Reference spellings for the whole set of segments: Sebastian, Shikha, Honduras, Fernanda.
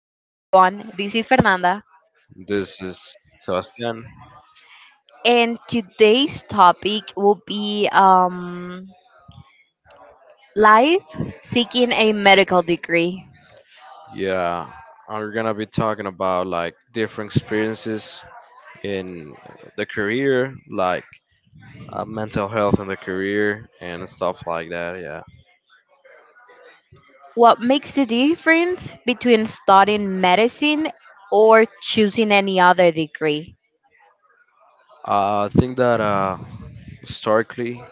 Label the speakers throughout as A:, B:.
A: everyone, this is Fernanda,
B: This is Sebastian.
A: and today's topic will be life seeking a medical degree.
B: Yeah, we're gonna be talking about like different experiences in the career, like mental health in the career and stuff like that. Yeah,
A: What makes the difference between studying medicine or choosing any other degree?
B: I think that historically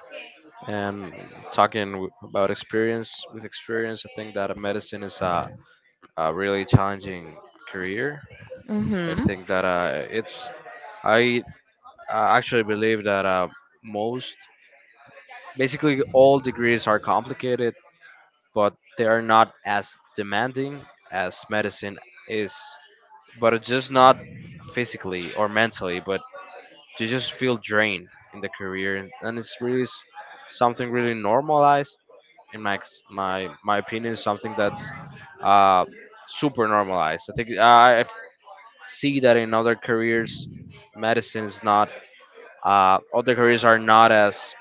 B: and talking about experience with experience, I think that medicine is a really challenging career. I
A: Mm-hmm.
B: think that it's I actually believe that most basically, all degrees are complicated, but they are not as demanding as medicine is. But it's just not physically or mentally, but you just feel drained in the career, and it's really something really normalized. In my opinion, is something that's uh, super normalized. I think I see that in other careers, medicine is not. Other careers are not as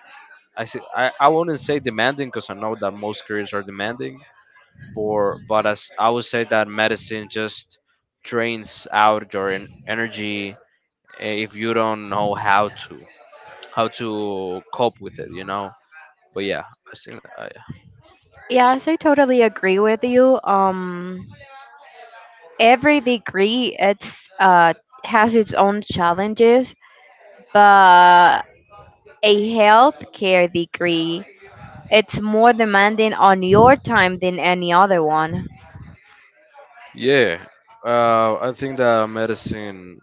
B: I see. I wouldn't say demanding because I know that most careers are demanding, but as I would say that medicine just drains out your energy if you don't know how to cope with it. But yeah, I think,
A: Yes, I totally agree with you. Every degree it's uh, has its own challenges, but a healthcare degree, it's more demanding on your time than any other one.
B: yeah. I think that medicine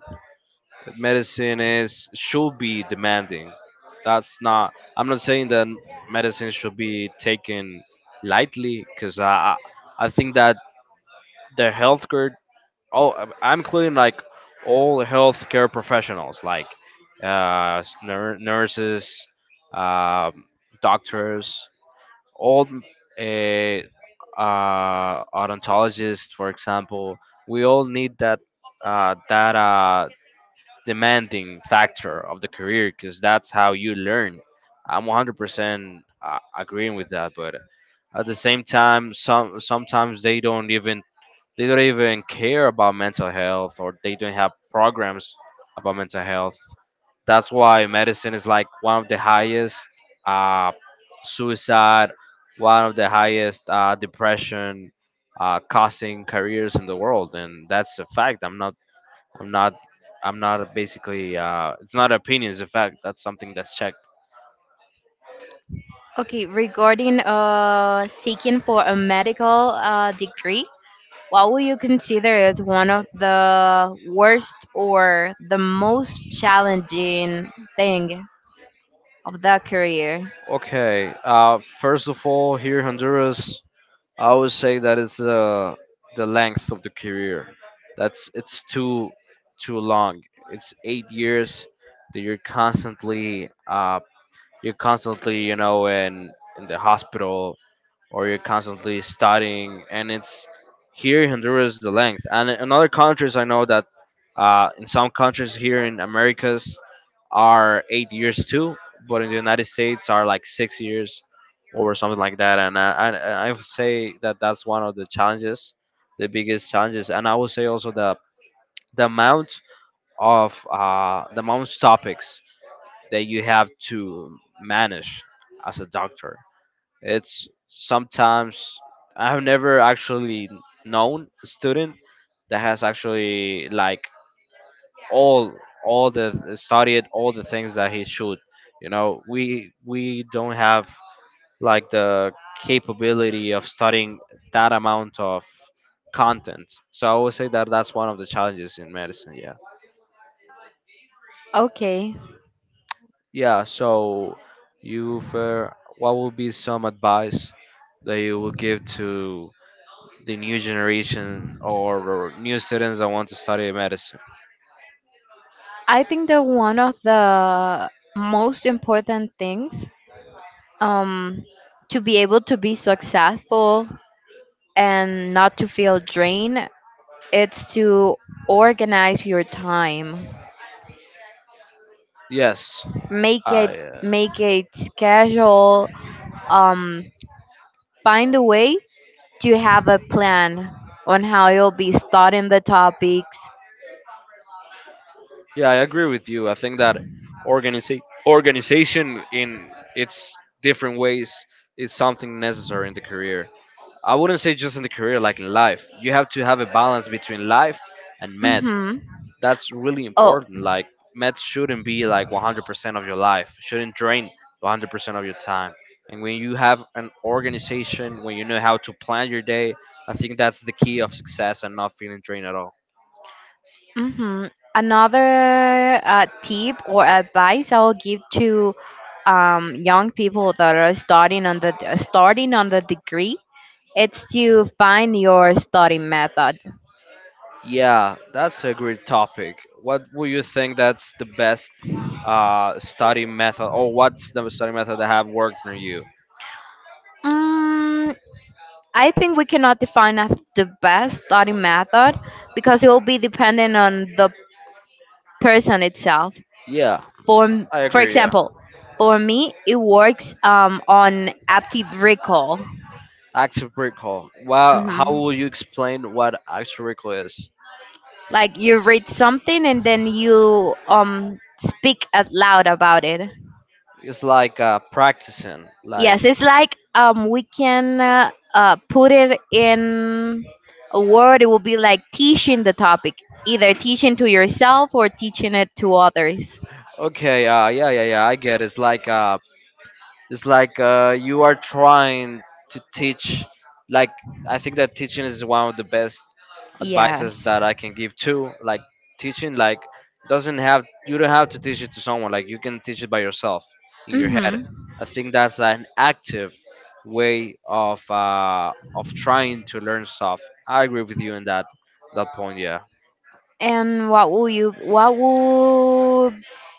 B: medicine is should be demanding. That's not. I'm not saying that medicine should be taken lightly because I think that the healthcare. Oh, I'm including like all healthcare professionals like nurses, um doctors, all odontologists, for example. We all need that uh, that uh, demanding factor of the career because that's how you learn. I'm 100% agreeing with that, but at the same time, sometimes they don't even care about mental health or they don't have programs about mental health. That's why medicine is like one of the highest uh, suicide, one of the highest depression costing careers in the world, and that's a fact. I'm not, I'm not basically. It's not opinion; it's a fact. That's something that's checked.
A: Okay, regarding seeking for a medical degree, what would you consider as one of the worst or the most challenging thing of that career?
B: Okay. First of all, here in Honduras, I would say that is the length of the career. That's It's too long. It's 8 years that you're constantly in the hospital or you're constantly studying, and it's here in Honduras the length. And in other countries, I know that in some countries here in Americas are 8 years too, but in the United States are like 6 years or something like that. And I would say that that's one of the challenges, the biggest challenges. And I would say also the amount the amount of topics that you have to manage as a doctor. It's sometimes I have never actually known a student that has actually like all all the things that he should. You know, we don't have like the capability of studying that amount of content. So I would say that that's one of the challenges in medicine. Yeah.
A: Okay,
B: Yeah. So you for what would be some advice that you would give to the new generation new students that want to study medicine?
A: I think that one of the most important things, um, to be able to be successful and not to feel drained, it's to organize your time,
B: Yes.
A: make it
B: I.
A: make it schedule.
B: Uh,
A: Um, find a way to have a plan on how you'll be starting the topics.
B: Yeah, I agree with you. I think that organiza- organization in its different ways is something necessary in the career. I wouldn't say just in the career, like in life. You have to have a balance between life and med
A: Mm-hmm.
B: that's really important. Like meds shouldn't be like 100% of your life. Shouldn't drain 100% of your time. And when you have an organization, when you know how to plan your day, I think that's the key of success and not feeling drained at all.
A: Oh, hmm another tip or advice I will give to young people that are starting on the degree, it's to find your study method.
B: Yeah, that's a great topic. What would you think that's the best study method, or what's the study method that have worked for you?
A: Mm, I think we cannot define as the best study method because it will be dependent on the person itself.
B: Yeah,
A: For m-
B: I
A: for
B: agree. Yeah,
A: example, for me, it works on active recall.
B: active recall. Well, how will you explain what active recall is?
A: Like you read something and then you speak out loud about it.
B: It's like practicing. Like
A: Yes, it's like we can put it in a word. It will be like teaching the topic, either teaching to yourself or teaching it to others.
B: okay, yeah, yeah, yeah. I get it. It's like you are trying to teach. Like I think that teaching is one of the best advices
A: Yes.
B: that I can give too. Like teaching, like doesn't have you don't have to teach it to someone. Like you can teach it by yourself in your head.
A: Mhm.
B: I think that's an active way of trying to learn stuff. I agree with you in that point. Yeah.
A: And what will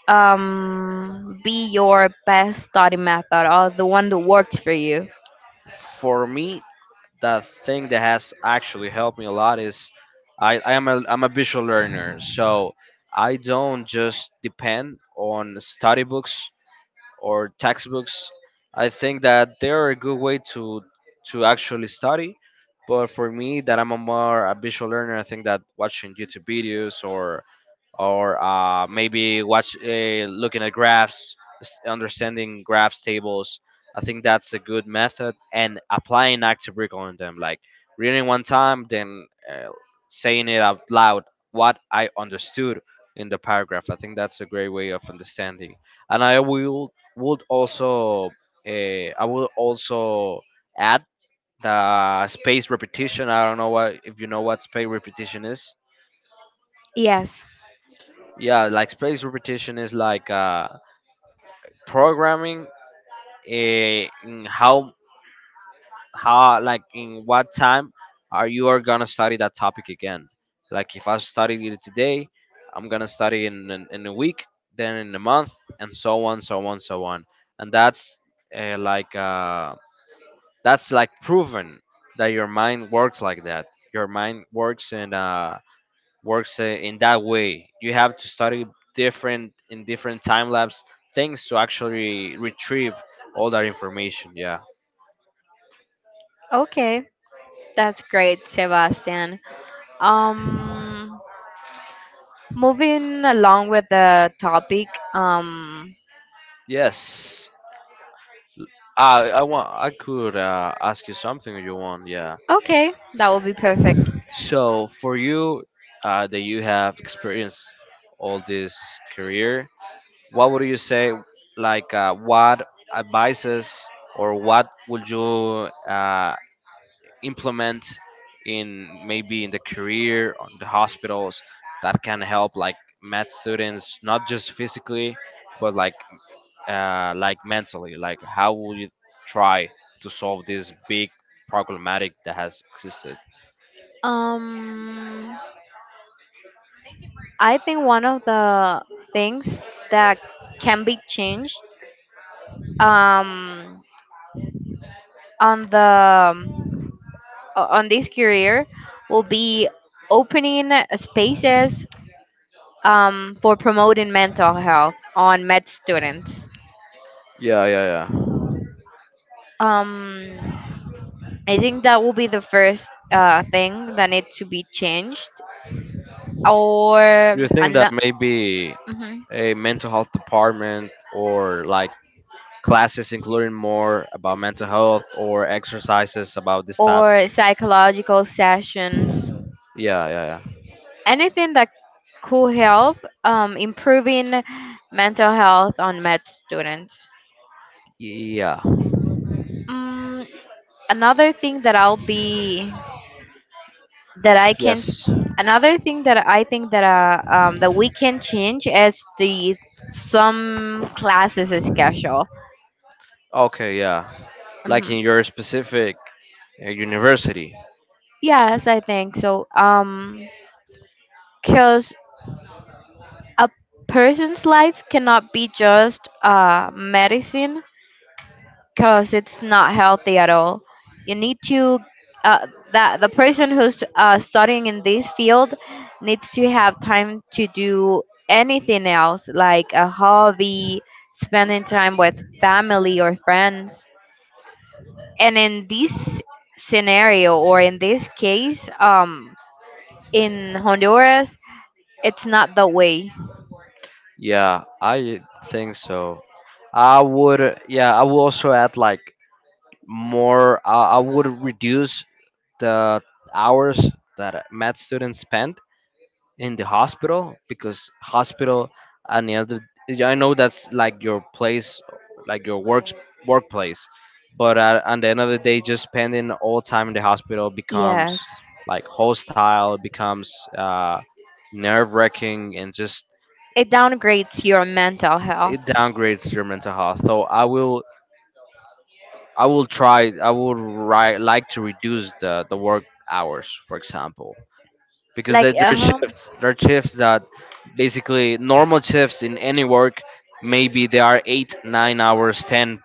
A: be your best study method or the one that works for you?
B: For me, the thing that has actually helped me a lot is I'm a visual learner, so I don't just depend on study books or textbooks. I think that they're a good way to actually study, but for me, that I'm a visual learner, I think that watching YouTube videos or maybe watch looking at graphs, understanding graphs tables. I think that's a good method, and applying active recall on them, like reading one time, then saying it out loud what I understood in the paragraph. I think that's a great way of understanding, and would also uh, I will also add the space repetition. I don't know what if you know what space repetition is.
A: Yes.
B: Yeah, like space repetition is like programming, in how in what time are you are gonna study that topic again. Like if I study it today, I'm gonna study in a week, then in a month, and so on, so on, so on. And that's uh, like uh that's like proven that your mind works like that. Your mind works in that way. You have to study different in different time lapse things to actually retrieve all that information. Yeah.
A: Okay. That's great, Sebastian. Um moving along with the topic, um
B: Yes. I could ask you something if you want. Yeah.
A: okay, that will be perfect.
B: So for you, that you have experienced all this career, what would you say? Like, what advices or what would you implement, in maybe in the career on the hospitals, that can help like med students not just physically but like mentally, like how will you try to solve this big problematic that has existed.
A: Um I think one of the things that can be changed um on the on this career will be opening spaces, for promoting mental health on med students.
B: Yeah, yeah, yeah.
A: Um, I think that will be the first thing that needs to be changed, or
B: Do you think that
A: an-
B: maybe
A: mhm.
B: a mental health department or like classes including more about mental health or exercises about this type?
A: Or psychological sessions,
B: Yeah, yeah,
A: anything that could help, improving mental health on med students.
B: yeah. Yeah.
A: Mm, another thing that I can.
B: Yes.
A: Another thing that I think that that we can change is the some classes schedule.
B: Okay, yeah, like in
A: Mhm.
B: your specific university.
A: Yes, I think so. Because a person's life cannot be just medicine because it's not healthy at all. You need to, uh, that the person who's studying in this field needs to have time to do anything else, like a hobby, spending time with family or friends. And in this scenario or in this case, in Honduras, it's not the way.
B: Yeah, I think so. I would, yeah, I would also add like more. I would reduce the hours that math students spend in the hospital, because hospital and the end, I know that's like your place, like your works workplace, but at the end of the day, just spending all time in the hospital becomes
A: Yes,
B: like hostile, it becomes nerve wracking, and just
A: it downgrades your mental health.
B: it downgrades your mental health. So I will, I will try I would like to reduce the work hours, for example, because
A: Like, uh huh.
B: there are shifts that basically normal shifts in any work, maybe they are 8, 9 hours, 10,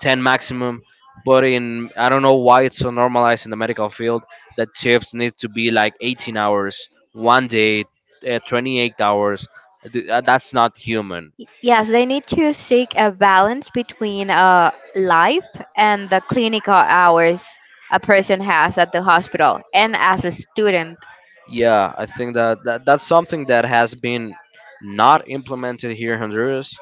B: 10 maximum, but in I don't know why it's so normalized in the medical field that shifts need to be like 18 hours one day, 28 hours. That's not human.
A: Yes, they need to seek a balance between life and the clinical hours a person has at the hospital and as a student.
B: Yeah, I think that, that that's something that has been not implemented here in Honduras,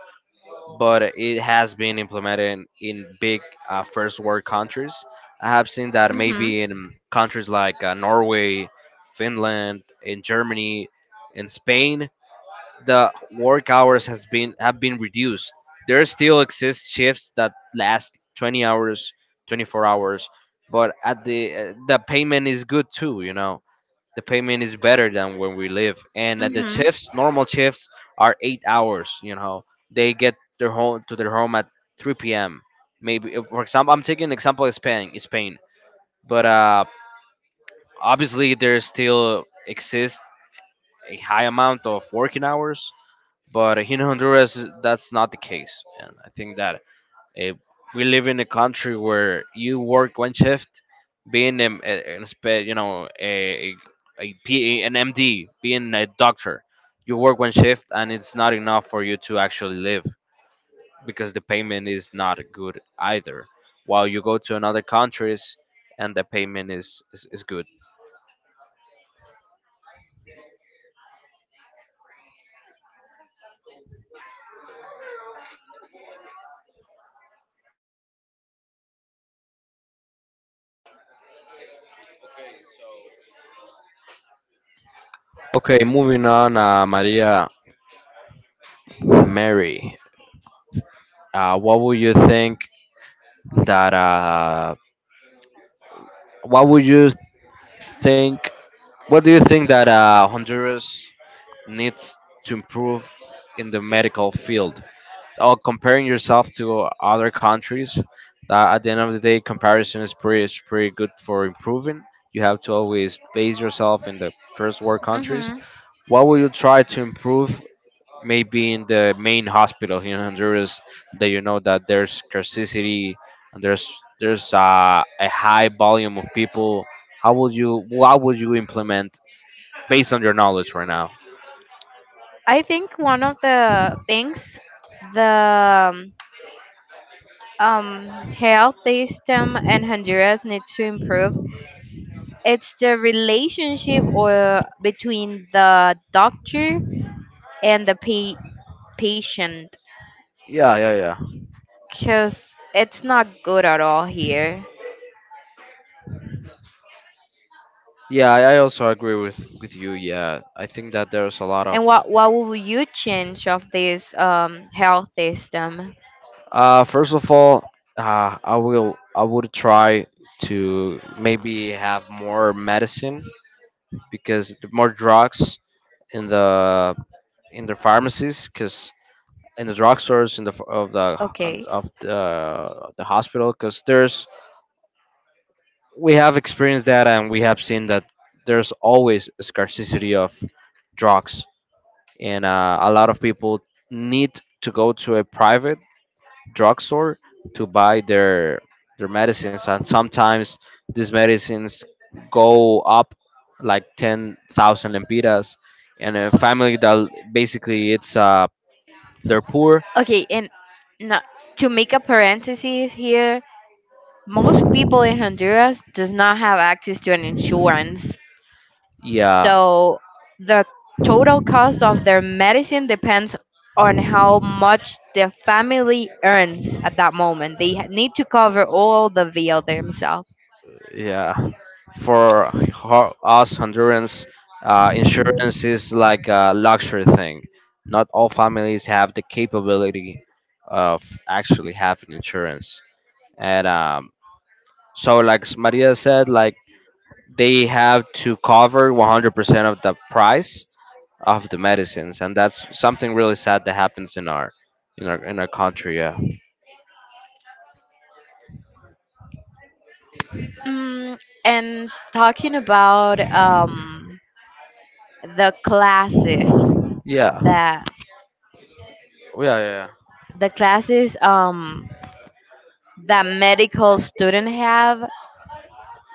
B: but it has been implemented in big first world countries. I have seen that
A: Mhm.
B: maybe in countries like Norway, Finland, in Germany, in Spain, the work hours has been have been reduced. There still exist shifts that last 20 hours, 24 hours, but at the payment is good too, the payment is better than when we live, and at the
A: Mhm.
B: shifts normal shifts are 8 hours, they get their home to their home at 3 p.m. Maybe for example, I'm taking an example, is Spain. But obviously there still exists a high amount of working hours, but here in Honduras that's not the case, and I think that Eh, we live in a country where you work one shift, being a P, an MD, being a doctor, you work one shift and it's not enough for you to actually live because the payment is not good either. While you go to another countries and the payment is good. Okay, moving on, Maria, Mary, what would you think that what would you think what do you think that Honduras needs to improve in the medical field? Or comparing yourself to other countries, that at the end of the day, comparison is pretty good for improving. You have to always base yourself in the first world countries.
A: Mhm.
B: What will you try to improve? Maybe in the main hospital here in Honduras, that you know that there's scarcity and there's a high volume of people. How will you? What would you implement based on your knowledge right now?
A: I think one of the things the, health system in Honduras needs to improve, it's the relationship or between the doctor and the patient,
B: Yeah, yeah, yeah.
A: because it's not good at all here.
B: Yeah, I also agree with you. Yeah, I think that there's a lot of.
A: And what will you change of this health system?
B: First of all, I would try to maybe have more medicine, because the more drugs in the in the pharmacies, because in the drugstores in the of the
A: Okay.
B: of the hospital, because there's we have experienced that and we have seen that there's always a scarcity of drugs, and a lot of people need to go to a private drugstore to buy their medicines, and sometimes these medicines go up like 10,000 lempiras, and a family that basically it's they're poor.
A: Okay, and no, to make a parenthesis here, most people in Honduras does not have access to an insurance.
B: Yeah.
A: So the total cost of their medicine depends on how much the family earns at that moment. They need to cover all the bill themselves.
B: Yeah, for us Hondurans, insurance is like a luxury thing. Not all families have the capability of actually having insurance, and so like Maria said, like, they have to cover 100% of the price of the medicines, and that's something really sad that happens in our in our in our country. Yeah,
A: Mm, and talking about the classes
B: yeah,
A: that,
B: yeah, yeah, yeah.
A: the classes, that medical student have,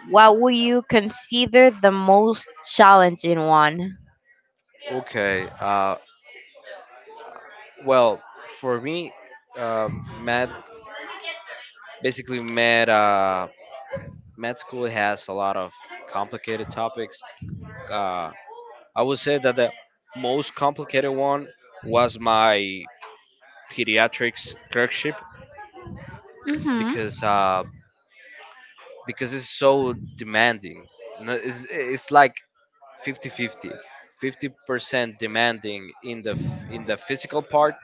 A: what would you consider the most challenging one?
B: Okay. Well for me, uh, med basically med med school has a lot of complicated topics. Uh, I would say that the most complicated one was my pediatrics clerkship
A: hmm
B: because uh, because it's so demanding. You know, it's like 50-50. 50 50% demanding in the in the physical part,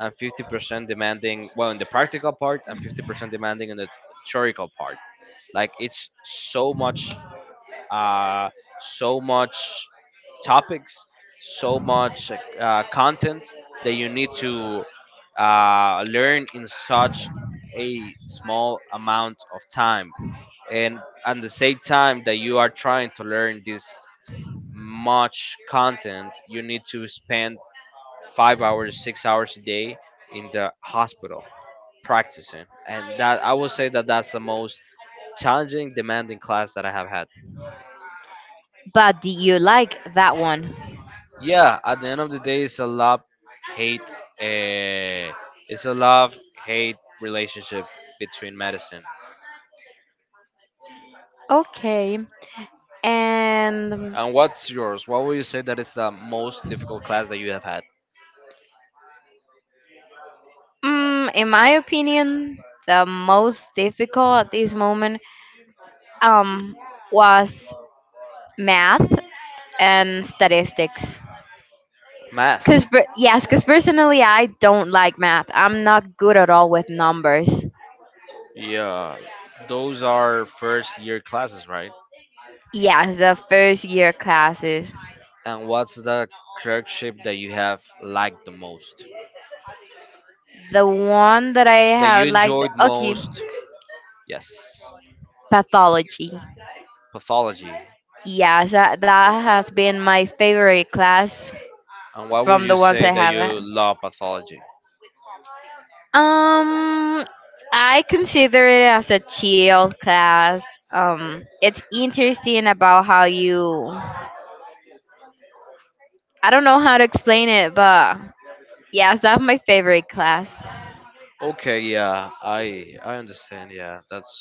B: and 50% demanding well in the practical part, and 50% demanding in the theoretical part. Like, it's so much uh, so much topics, so much content that you need to learn in such a small amount of time. And at the same time that you are trying to learn this much content, you need to spend 5 hours, 6 hours a day in the hospital practicing. And that I would say that that's the most challenging, demanding class that I have had.
A: But do you like that one?
B: Yeah, at the end of the day, it's a love hate. Uh, it's a love hate relationship between medicine.
A: Okay. And
B: And what's yours? What would you say that is the most difficult class that you have had?
A: in my opinion, the most difficult at this moment um was math and statistics.
B: Math.
A: Yes, cause personally I don't like math. I'm not good at all with numbers.
B: Yeah, those are first year classes, right?
A: Yes, the first year classes.
B: And what's the clerkship that you have liked the most?
A: The one that I
B: That
A: have
B: you
A: liked,
B: enjoyed
A: okay,
B: most? Yes.
A: pathology.
B: Pathology.
A: Yes, that, that has been my favorite class
B: And why would
A: from
B: you
A: the ones
B: say
A: I
B: that
A: have.
B: you love pathology?
A: Um, I consider it as a chill class. It's interesting about how you. I don't know how to explain it, but yes, that's my favorite class.
B: Okay, yeah, I understand. Yeah, that's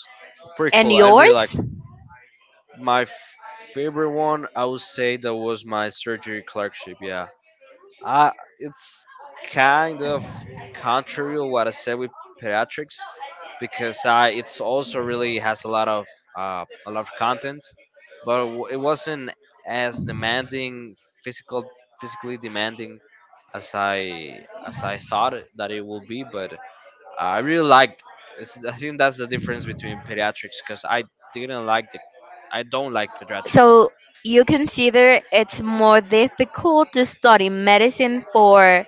B: pretty
A: And
B: cool. I really like
A: yours?
B: my favorite one. I would say that was my surgery clerkship. Yeah. Uh, it's kind of contrary to what I said with pediatrics, because I it's also really has a lot of content, but it wasn't as demanding physical physically demanding as I thought that it will be. But I really liked. It's, I think that's the difference between pediatrics, because I didn't like the I don't like pediatrics.
A: So you consider it's more difficult to study medicine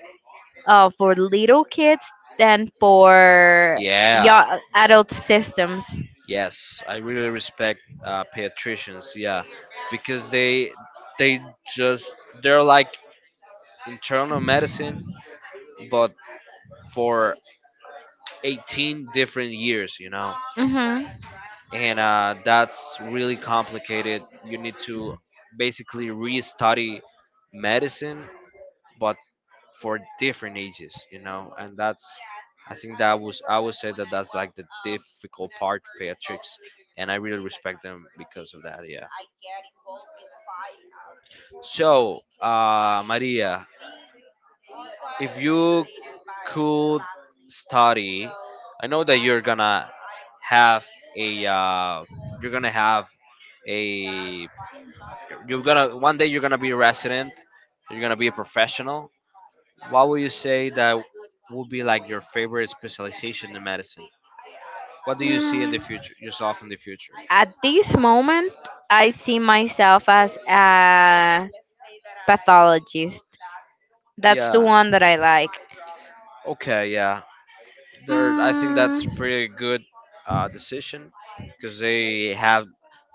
A: for little kids than for
B: Yeah.
A: young adult systems.
B: Yes, I really respect pediatricians. Yeah, because they just they're like internal medicine, but for 18 different years, you know,
A: Mm-hmm.
B: and that's really complicated. You need to basically re-study medicine, but for different ages, you know, and that's I think that was I would say that that's like the difficult part to, and I really respect them because of that. Yeah. So, Maria, if you could study, I know that you're gonna have a you're gonna have a you're gonna one day you're gonna be a resident, you're gonna be a professional. What would you say that would be like your favorite specialization in medicine? What do you see in the
A: Mm.
B: future, yourself in the future?
A: At this moment, I see myself as a pathologist. That's the
B: Yeah.
A: one that I like.
B: Okay. Yeah. There. I think that's
A: Mm,
B: a pretty good decision, because they have,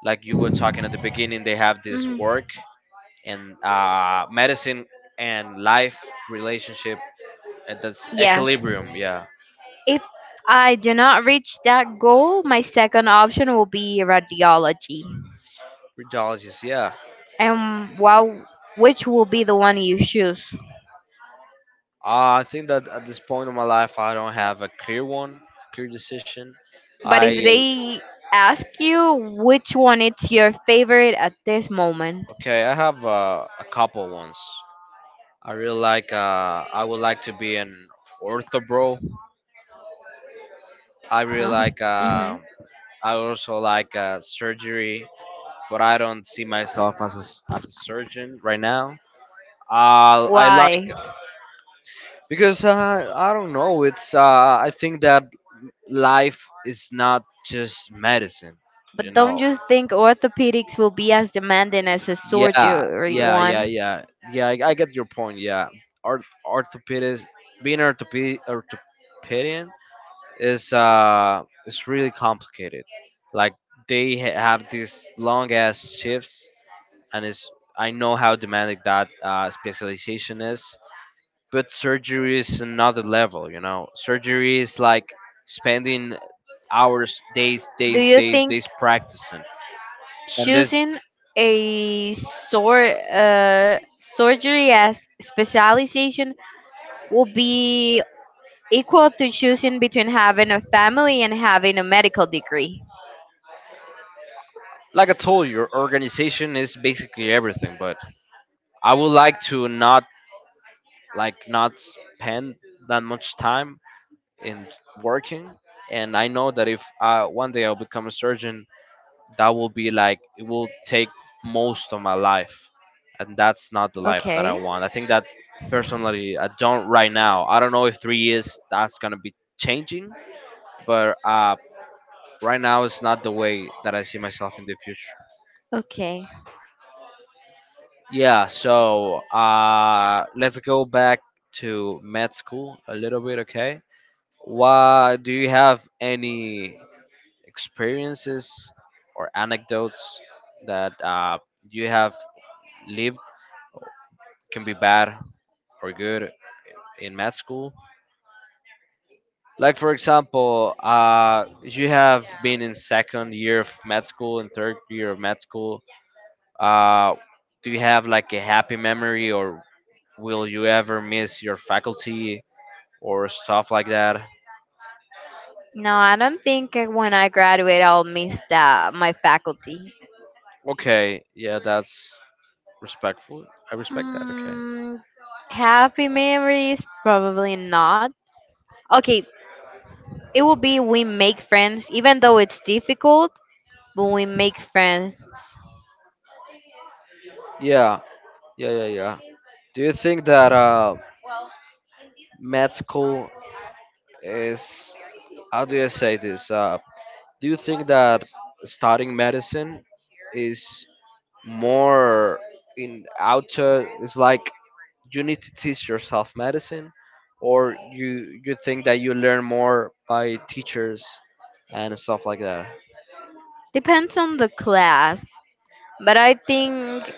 B: like you were talking at the beginning, they have this
A: mm,
B: work and medicine and life relationship. And that's
A: yes.
B: equilibrium. Yeah.
A: If I do not reach that goal, my second option will be radiology.
B: Radiologist. Yeah.
A: And wow, which will be the one you choose?
B: I think that at this point in my life, I don't have a clear one, clear decision.
A: But
B: I
A: if they ask you which one is your favorite at this moment,
B: okay, I have a couple ones. I really like. I would like to be an ortho bro. I really like.
A: Mhm.
B: I also like surgery, but I don't see myself as a surgeon right now. I like
A: Why?
B: because I don't know. It's. I think that life is not just medicine. You
A: But don't
B: know.
A: you think orthopedics will be as demanding as a
B: Yeah,
A: surgery
B: yeah, yeah,
A: one?
B: yeah, yeah. I get your point. Yeah. Orthopedist, being orthopedic orthopedian is really complicated. Like, they have these long ass shifts, and it's I know how demanding that specialization is. But surgery is another level, you know. Surgery is like spending hours, days,
A: Do
B: days,
A: you
B: days,
A: think
B: days practicing, and this,
A: choosing a sor- uh, surgery as specialization will be equal to choosing between having a family and having a medical degree?
B: like I told you, your organization is basically everything, but I would like to not like not spend that much time in working, and I know that if I, one day I'll become a surgeon, that will be like it will take most of my life, and that's not the life that I
A: Okay.
B: want. I think that personally, I don't right now. I don't know if 3 years that's gonna be changing, but right now it's not the way that I see myself in the future.
A: Okay.
B: Yeah, so let's go back to med school a little bit, okay? Why do you have any experiences or anecdotes that you have lived, can be bad or good, in med school? Like, for example, you have been in second year of med school and third year of med school. Uh, do you have like a happy memory, or will you ever miss your faculty or stuff like that?
A: No, I don't think when I graduate I'll miss the, my faculty.
B: Okay, yeah, that's respectful. I respect that. Okay.
A: Mm, happy memories? Probably not. Okay, it will be we make friends, even though it's difficult, but we make friends.
B: Yeah, yeah, yeah, yeah. Do you think that med school is how do you say this? Do you think that studying medicine is more in outer? It's like you need to teach yourself medicine, or you think that you learn more by teachers and stuff like that?
A: Depends on the class, but I think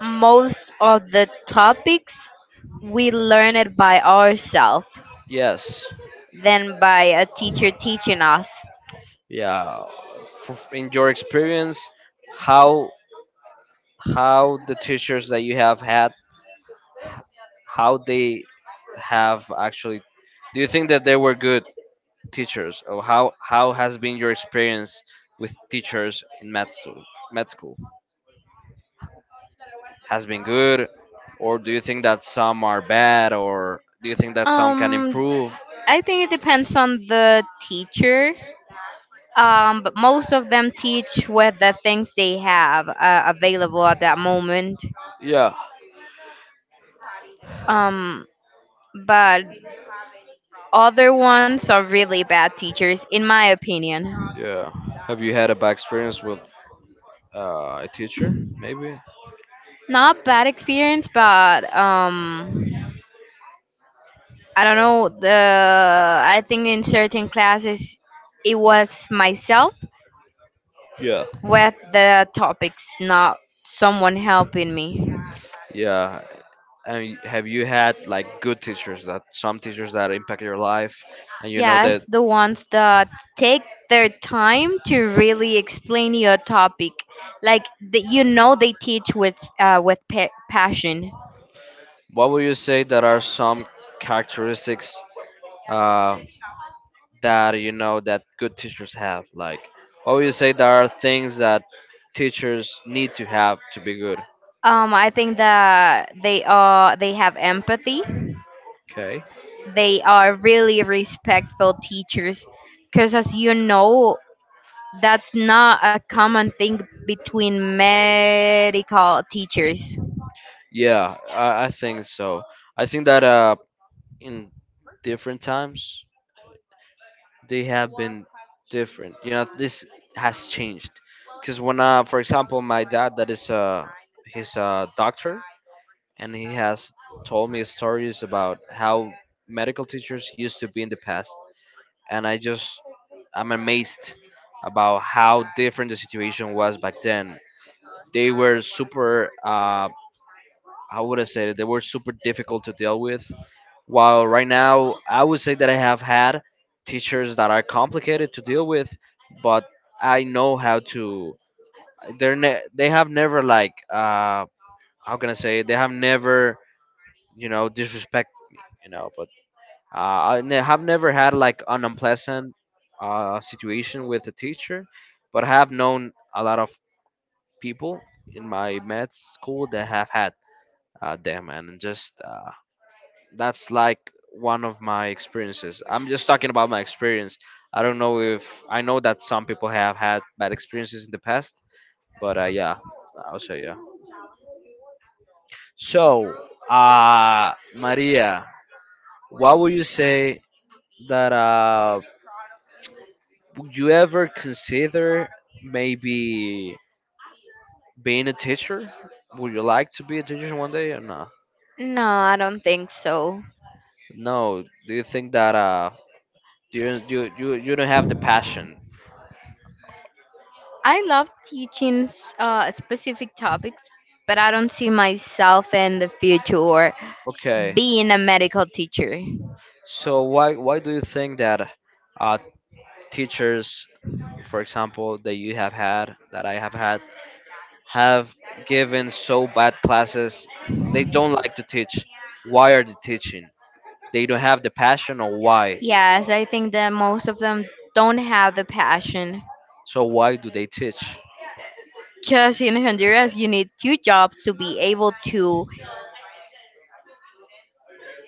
A: most of the topics we learn it by ourselves
B: Yes.
A: than by a teacher teaching us.
B: Yeah. For, in your experience, how how the teachers that you have had, how they have actually, do you think that they were good teachers, or how has been your experience with teachers in med school? Med school has been good, or do you think that some are bad, or do you think that some can
A: Um,
B: improve?
A: I think it depends on the teacher. But most of them teach with the things they have available at that moment.
B: Yeah,
A: Um, but other ones are really bad teachers, in my opinion.
B: yeah. Have you had a bad experience with a teacher? Maybe.
A: Not bad experience, but, I don't know. The I think in certain classes, it was myself
B: Yeah.
A: with the topics, not someone helping me.
B: Yeah. And have you had like good teachers that some teachers that impact your life? And you know that
A: Yes, the ones that take their time to really explain your topic, like the, you know they teach with passion.
B: what would you say that are some characteristics uh, that you know that good teachers have? Like, what would you say there are things that teachers need to have to be good?
A: I think that they are they have empathy.
B: Okay.
A: They are really respectful teachers, because as you know, that's not a common thing between medical teachers.
B: Yeah, I think so. I think that in different times they have been different, you know, this has changed. Because when for example my dad that is he's a doctor, and he has told me stories about how medical teachers used to be in the past, and I'm amazed about how different the situation was back then. They were super how would I say it? They were super difficult to deal with. While right now, I would say that I have had teachers that are complicated to deal with, but I know how to. They're they have never like how can I say it? They have never you know disrespect you know. But I have never had like an unpleasant situation with a teacher, but I have known a lot of people in my med school that have had them, and just that's like one of my experiences. I'm just talking about my experience. I don't know if I know that some people have had bad experiences in the past, but yeah, I'll show you. So, Maria, what would you say that? Would you ever consider maybe being a teacher? Would you like to be a teacher one day or not?
A: No, I don't think so.
B: No. Do you think that do you you don't have the passion?
A: I love teaching specific topics, but I don't see myself in the future
B: Okay.
A: being a medical teacher.
B: So why do you think that uh teachers, for example, that you have had that I have had have given so bad classes? They don't like to teach. Why are they teaching? They don't have the passion or why.
A: Yes, I think that most of them don't have the passion.
B: So why do they teach?
A: Because in Honduras, you need two jobs to be able to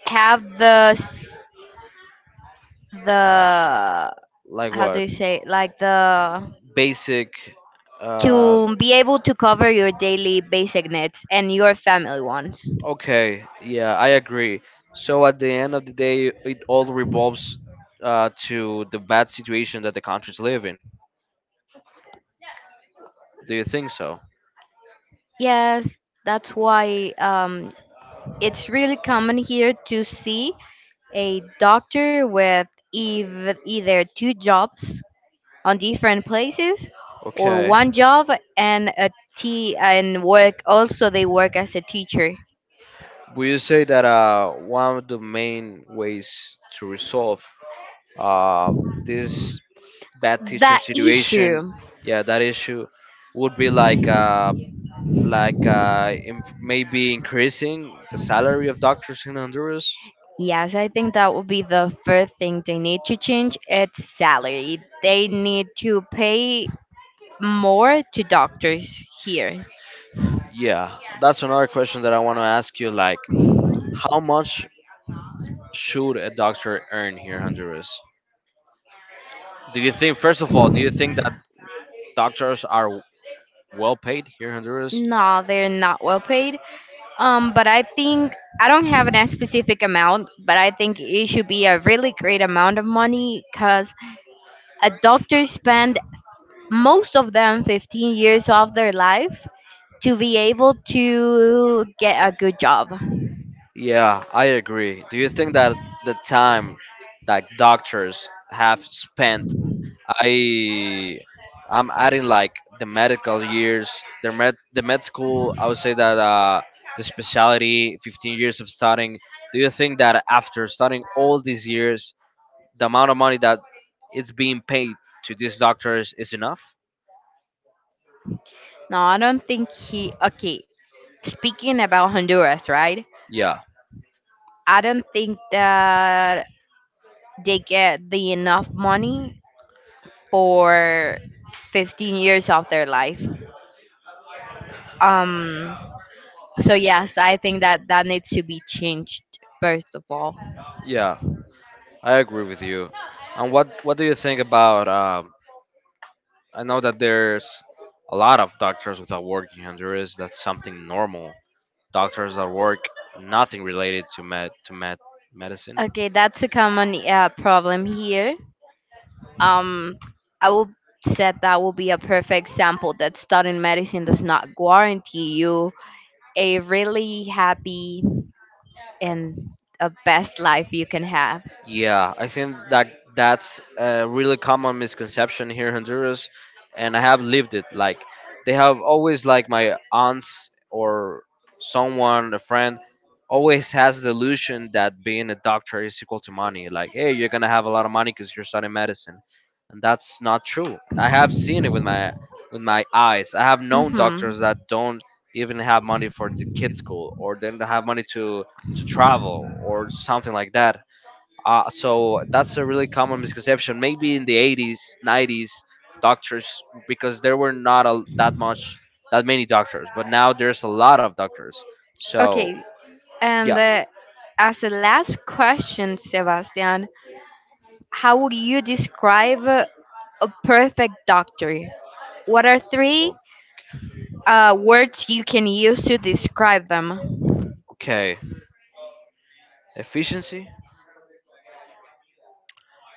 A: have the,
B: Like
A: how do
B: what?
A: you say it? Like the,
B: Basic. Uh,
A: to be able to cover your daily basic needs and your family ones.
B: okay. Yeah, I agree. So at the end of the day, it all revolves to the bad situation that the countries live in. Do you think so?
A: Yes, that's why, it's really common here to see a doctor with either two jobs on different places or
B: Okay.
A: one job and a t and work, also they work as a teacher.
B: Will you say that one of the main ways to resolve uh, this bad teacher
A: The
B: situation
A: issue,
B: yeah that issue would be like im maybe increasing the salary of doctors in Honduras?
A: yes, I think that would be the first thing they need to change. It's salary. They need to pay more to doctors here.
B: Yeah, that's another question that I want to ask you. Like, how much should a doctor earn here in Honduras? Do you think first of all, do you think that doctors are well paid here in Honduras?
A: No, they're not well paid. But I think I don't have an specific amount, but I think it should be a really great amount of money because a doctor spend most of them 15 years of their life to be able to get a good job.
B: Yeah, I agree. Do you think that the time that doctors have spent I I'm adding like the medical years, the med school. I would say that the specialty, 15 years of studying. Do you think that after studying all these years, the amount of money that it's being paid to these doctors is enough?
A: No, I don't think he. Okay, speaking about Honduras, right?
B: Yeah,
A: I don't think that they get the enough money for 15 years of their life. Um. So yes, I think that that needs to be changed first of all.
B: yeah, I agree with you. And what do you think about? I know that there's a lot of doctors without working, and there is that's something normal. Doctors that work nothing related to medicine.
A: Okay, that's a common problem here. Um, I will said that will be a perfect example that studying medicine does not guarantee you a really happy and a best life you can have.
B: Yeah, I think that that's a really common misconception here in Honduras, and I have lived it. Like, they have always like my aunts or someone, a friend, always has the illusion that being a doctor is equal to money. Like, hey, you're gonna have a lot of money because you're studying medicine, and that's not true. I have seen it with my eyes. I have known
A: Mhm.
B: doctors that don't even have money for the kids' school, or they don't have money to travel or something like that. So that's a really common misconception. Maybe in the 80s, 90s, doctors because there were not a, that much, that many doctors, but now there's a lot of doctors. So
A: Okay,
B: yeah,
A: and as a last question, Sebastian, how would you describe a perfect doctor? What are
B: o-
A: three words you can use to describe them?
B: okay. Efficiency.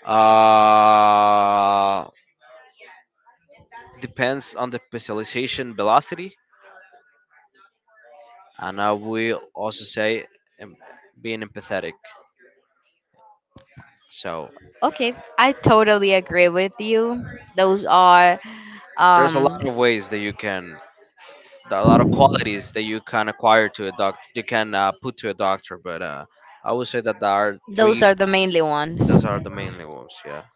B: Uh, depends on the specialization velocity, and I will also say em- being empathetic. So
A: Okay, I totally agree with you. Those are,
B: there's a lot
A: um,
B: of ways that you can a lot of qualities that you can acquire to a doc you can put to a doctor, but I would say that there are
A: those
B: three
A: are the mainly ones.
B: those are the mainly ones, yeah.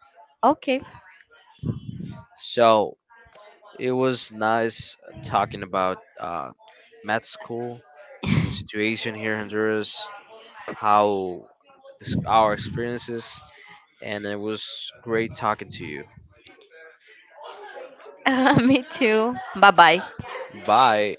A: Okay,
B: So it was nice talking about med school, the situation here in Honduras, how this, our experiences, and it was great talking to you.
A: me too. Bye bye.
B: Bye,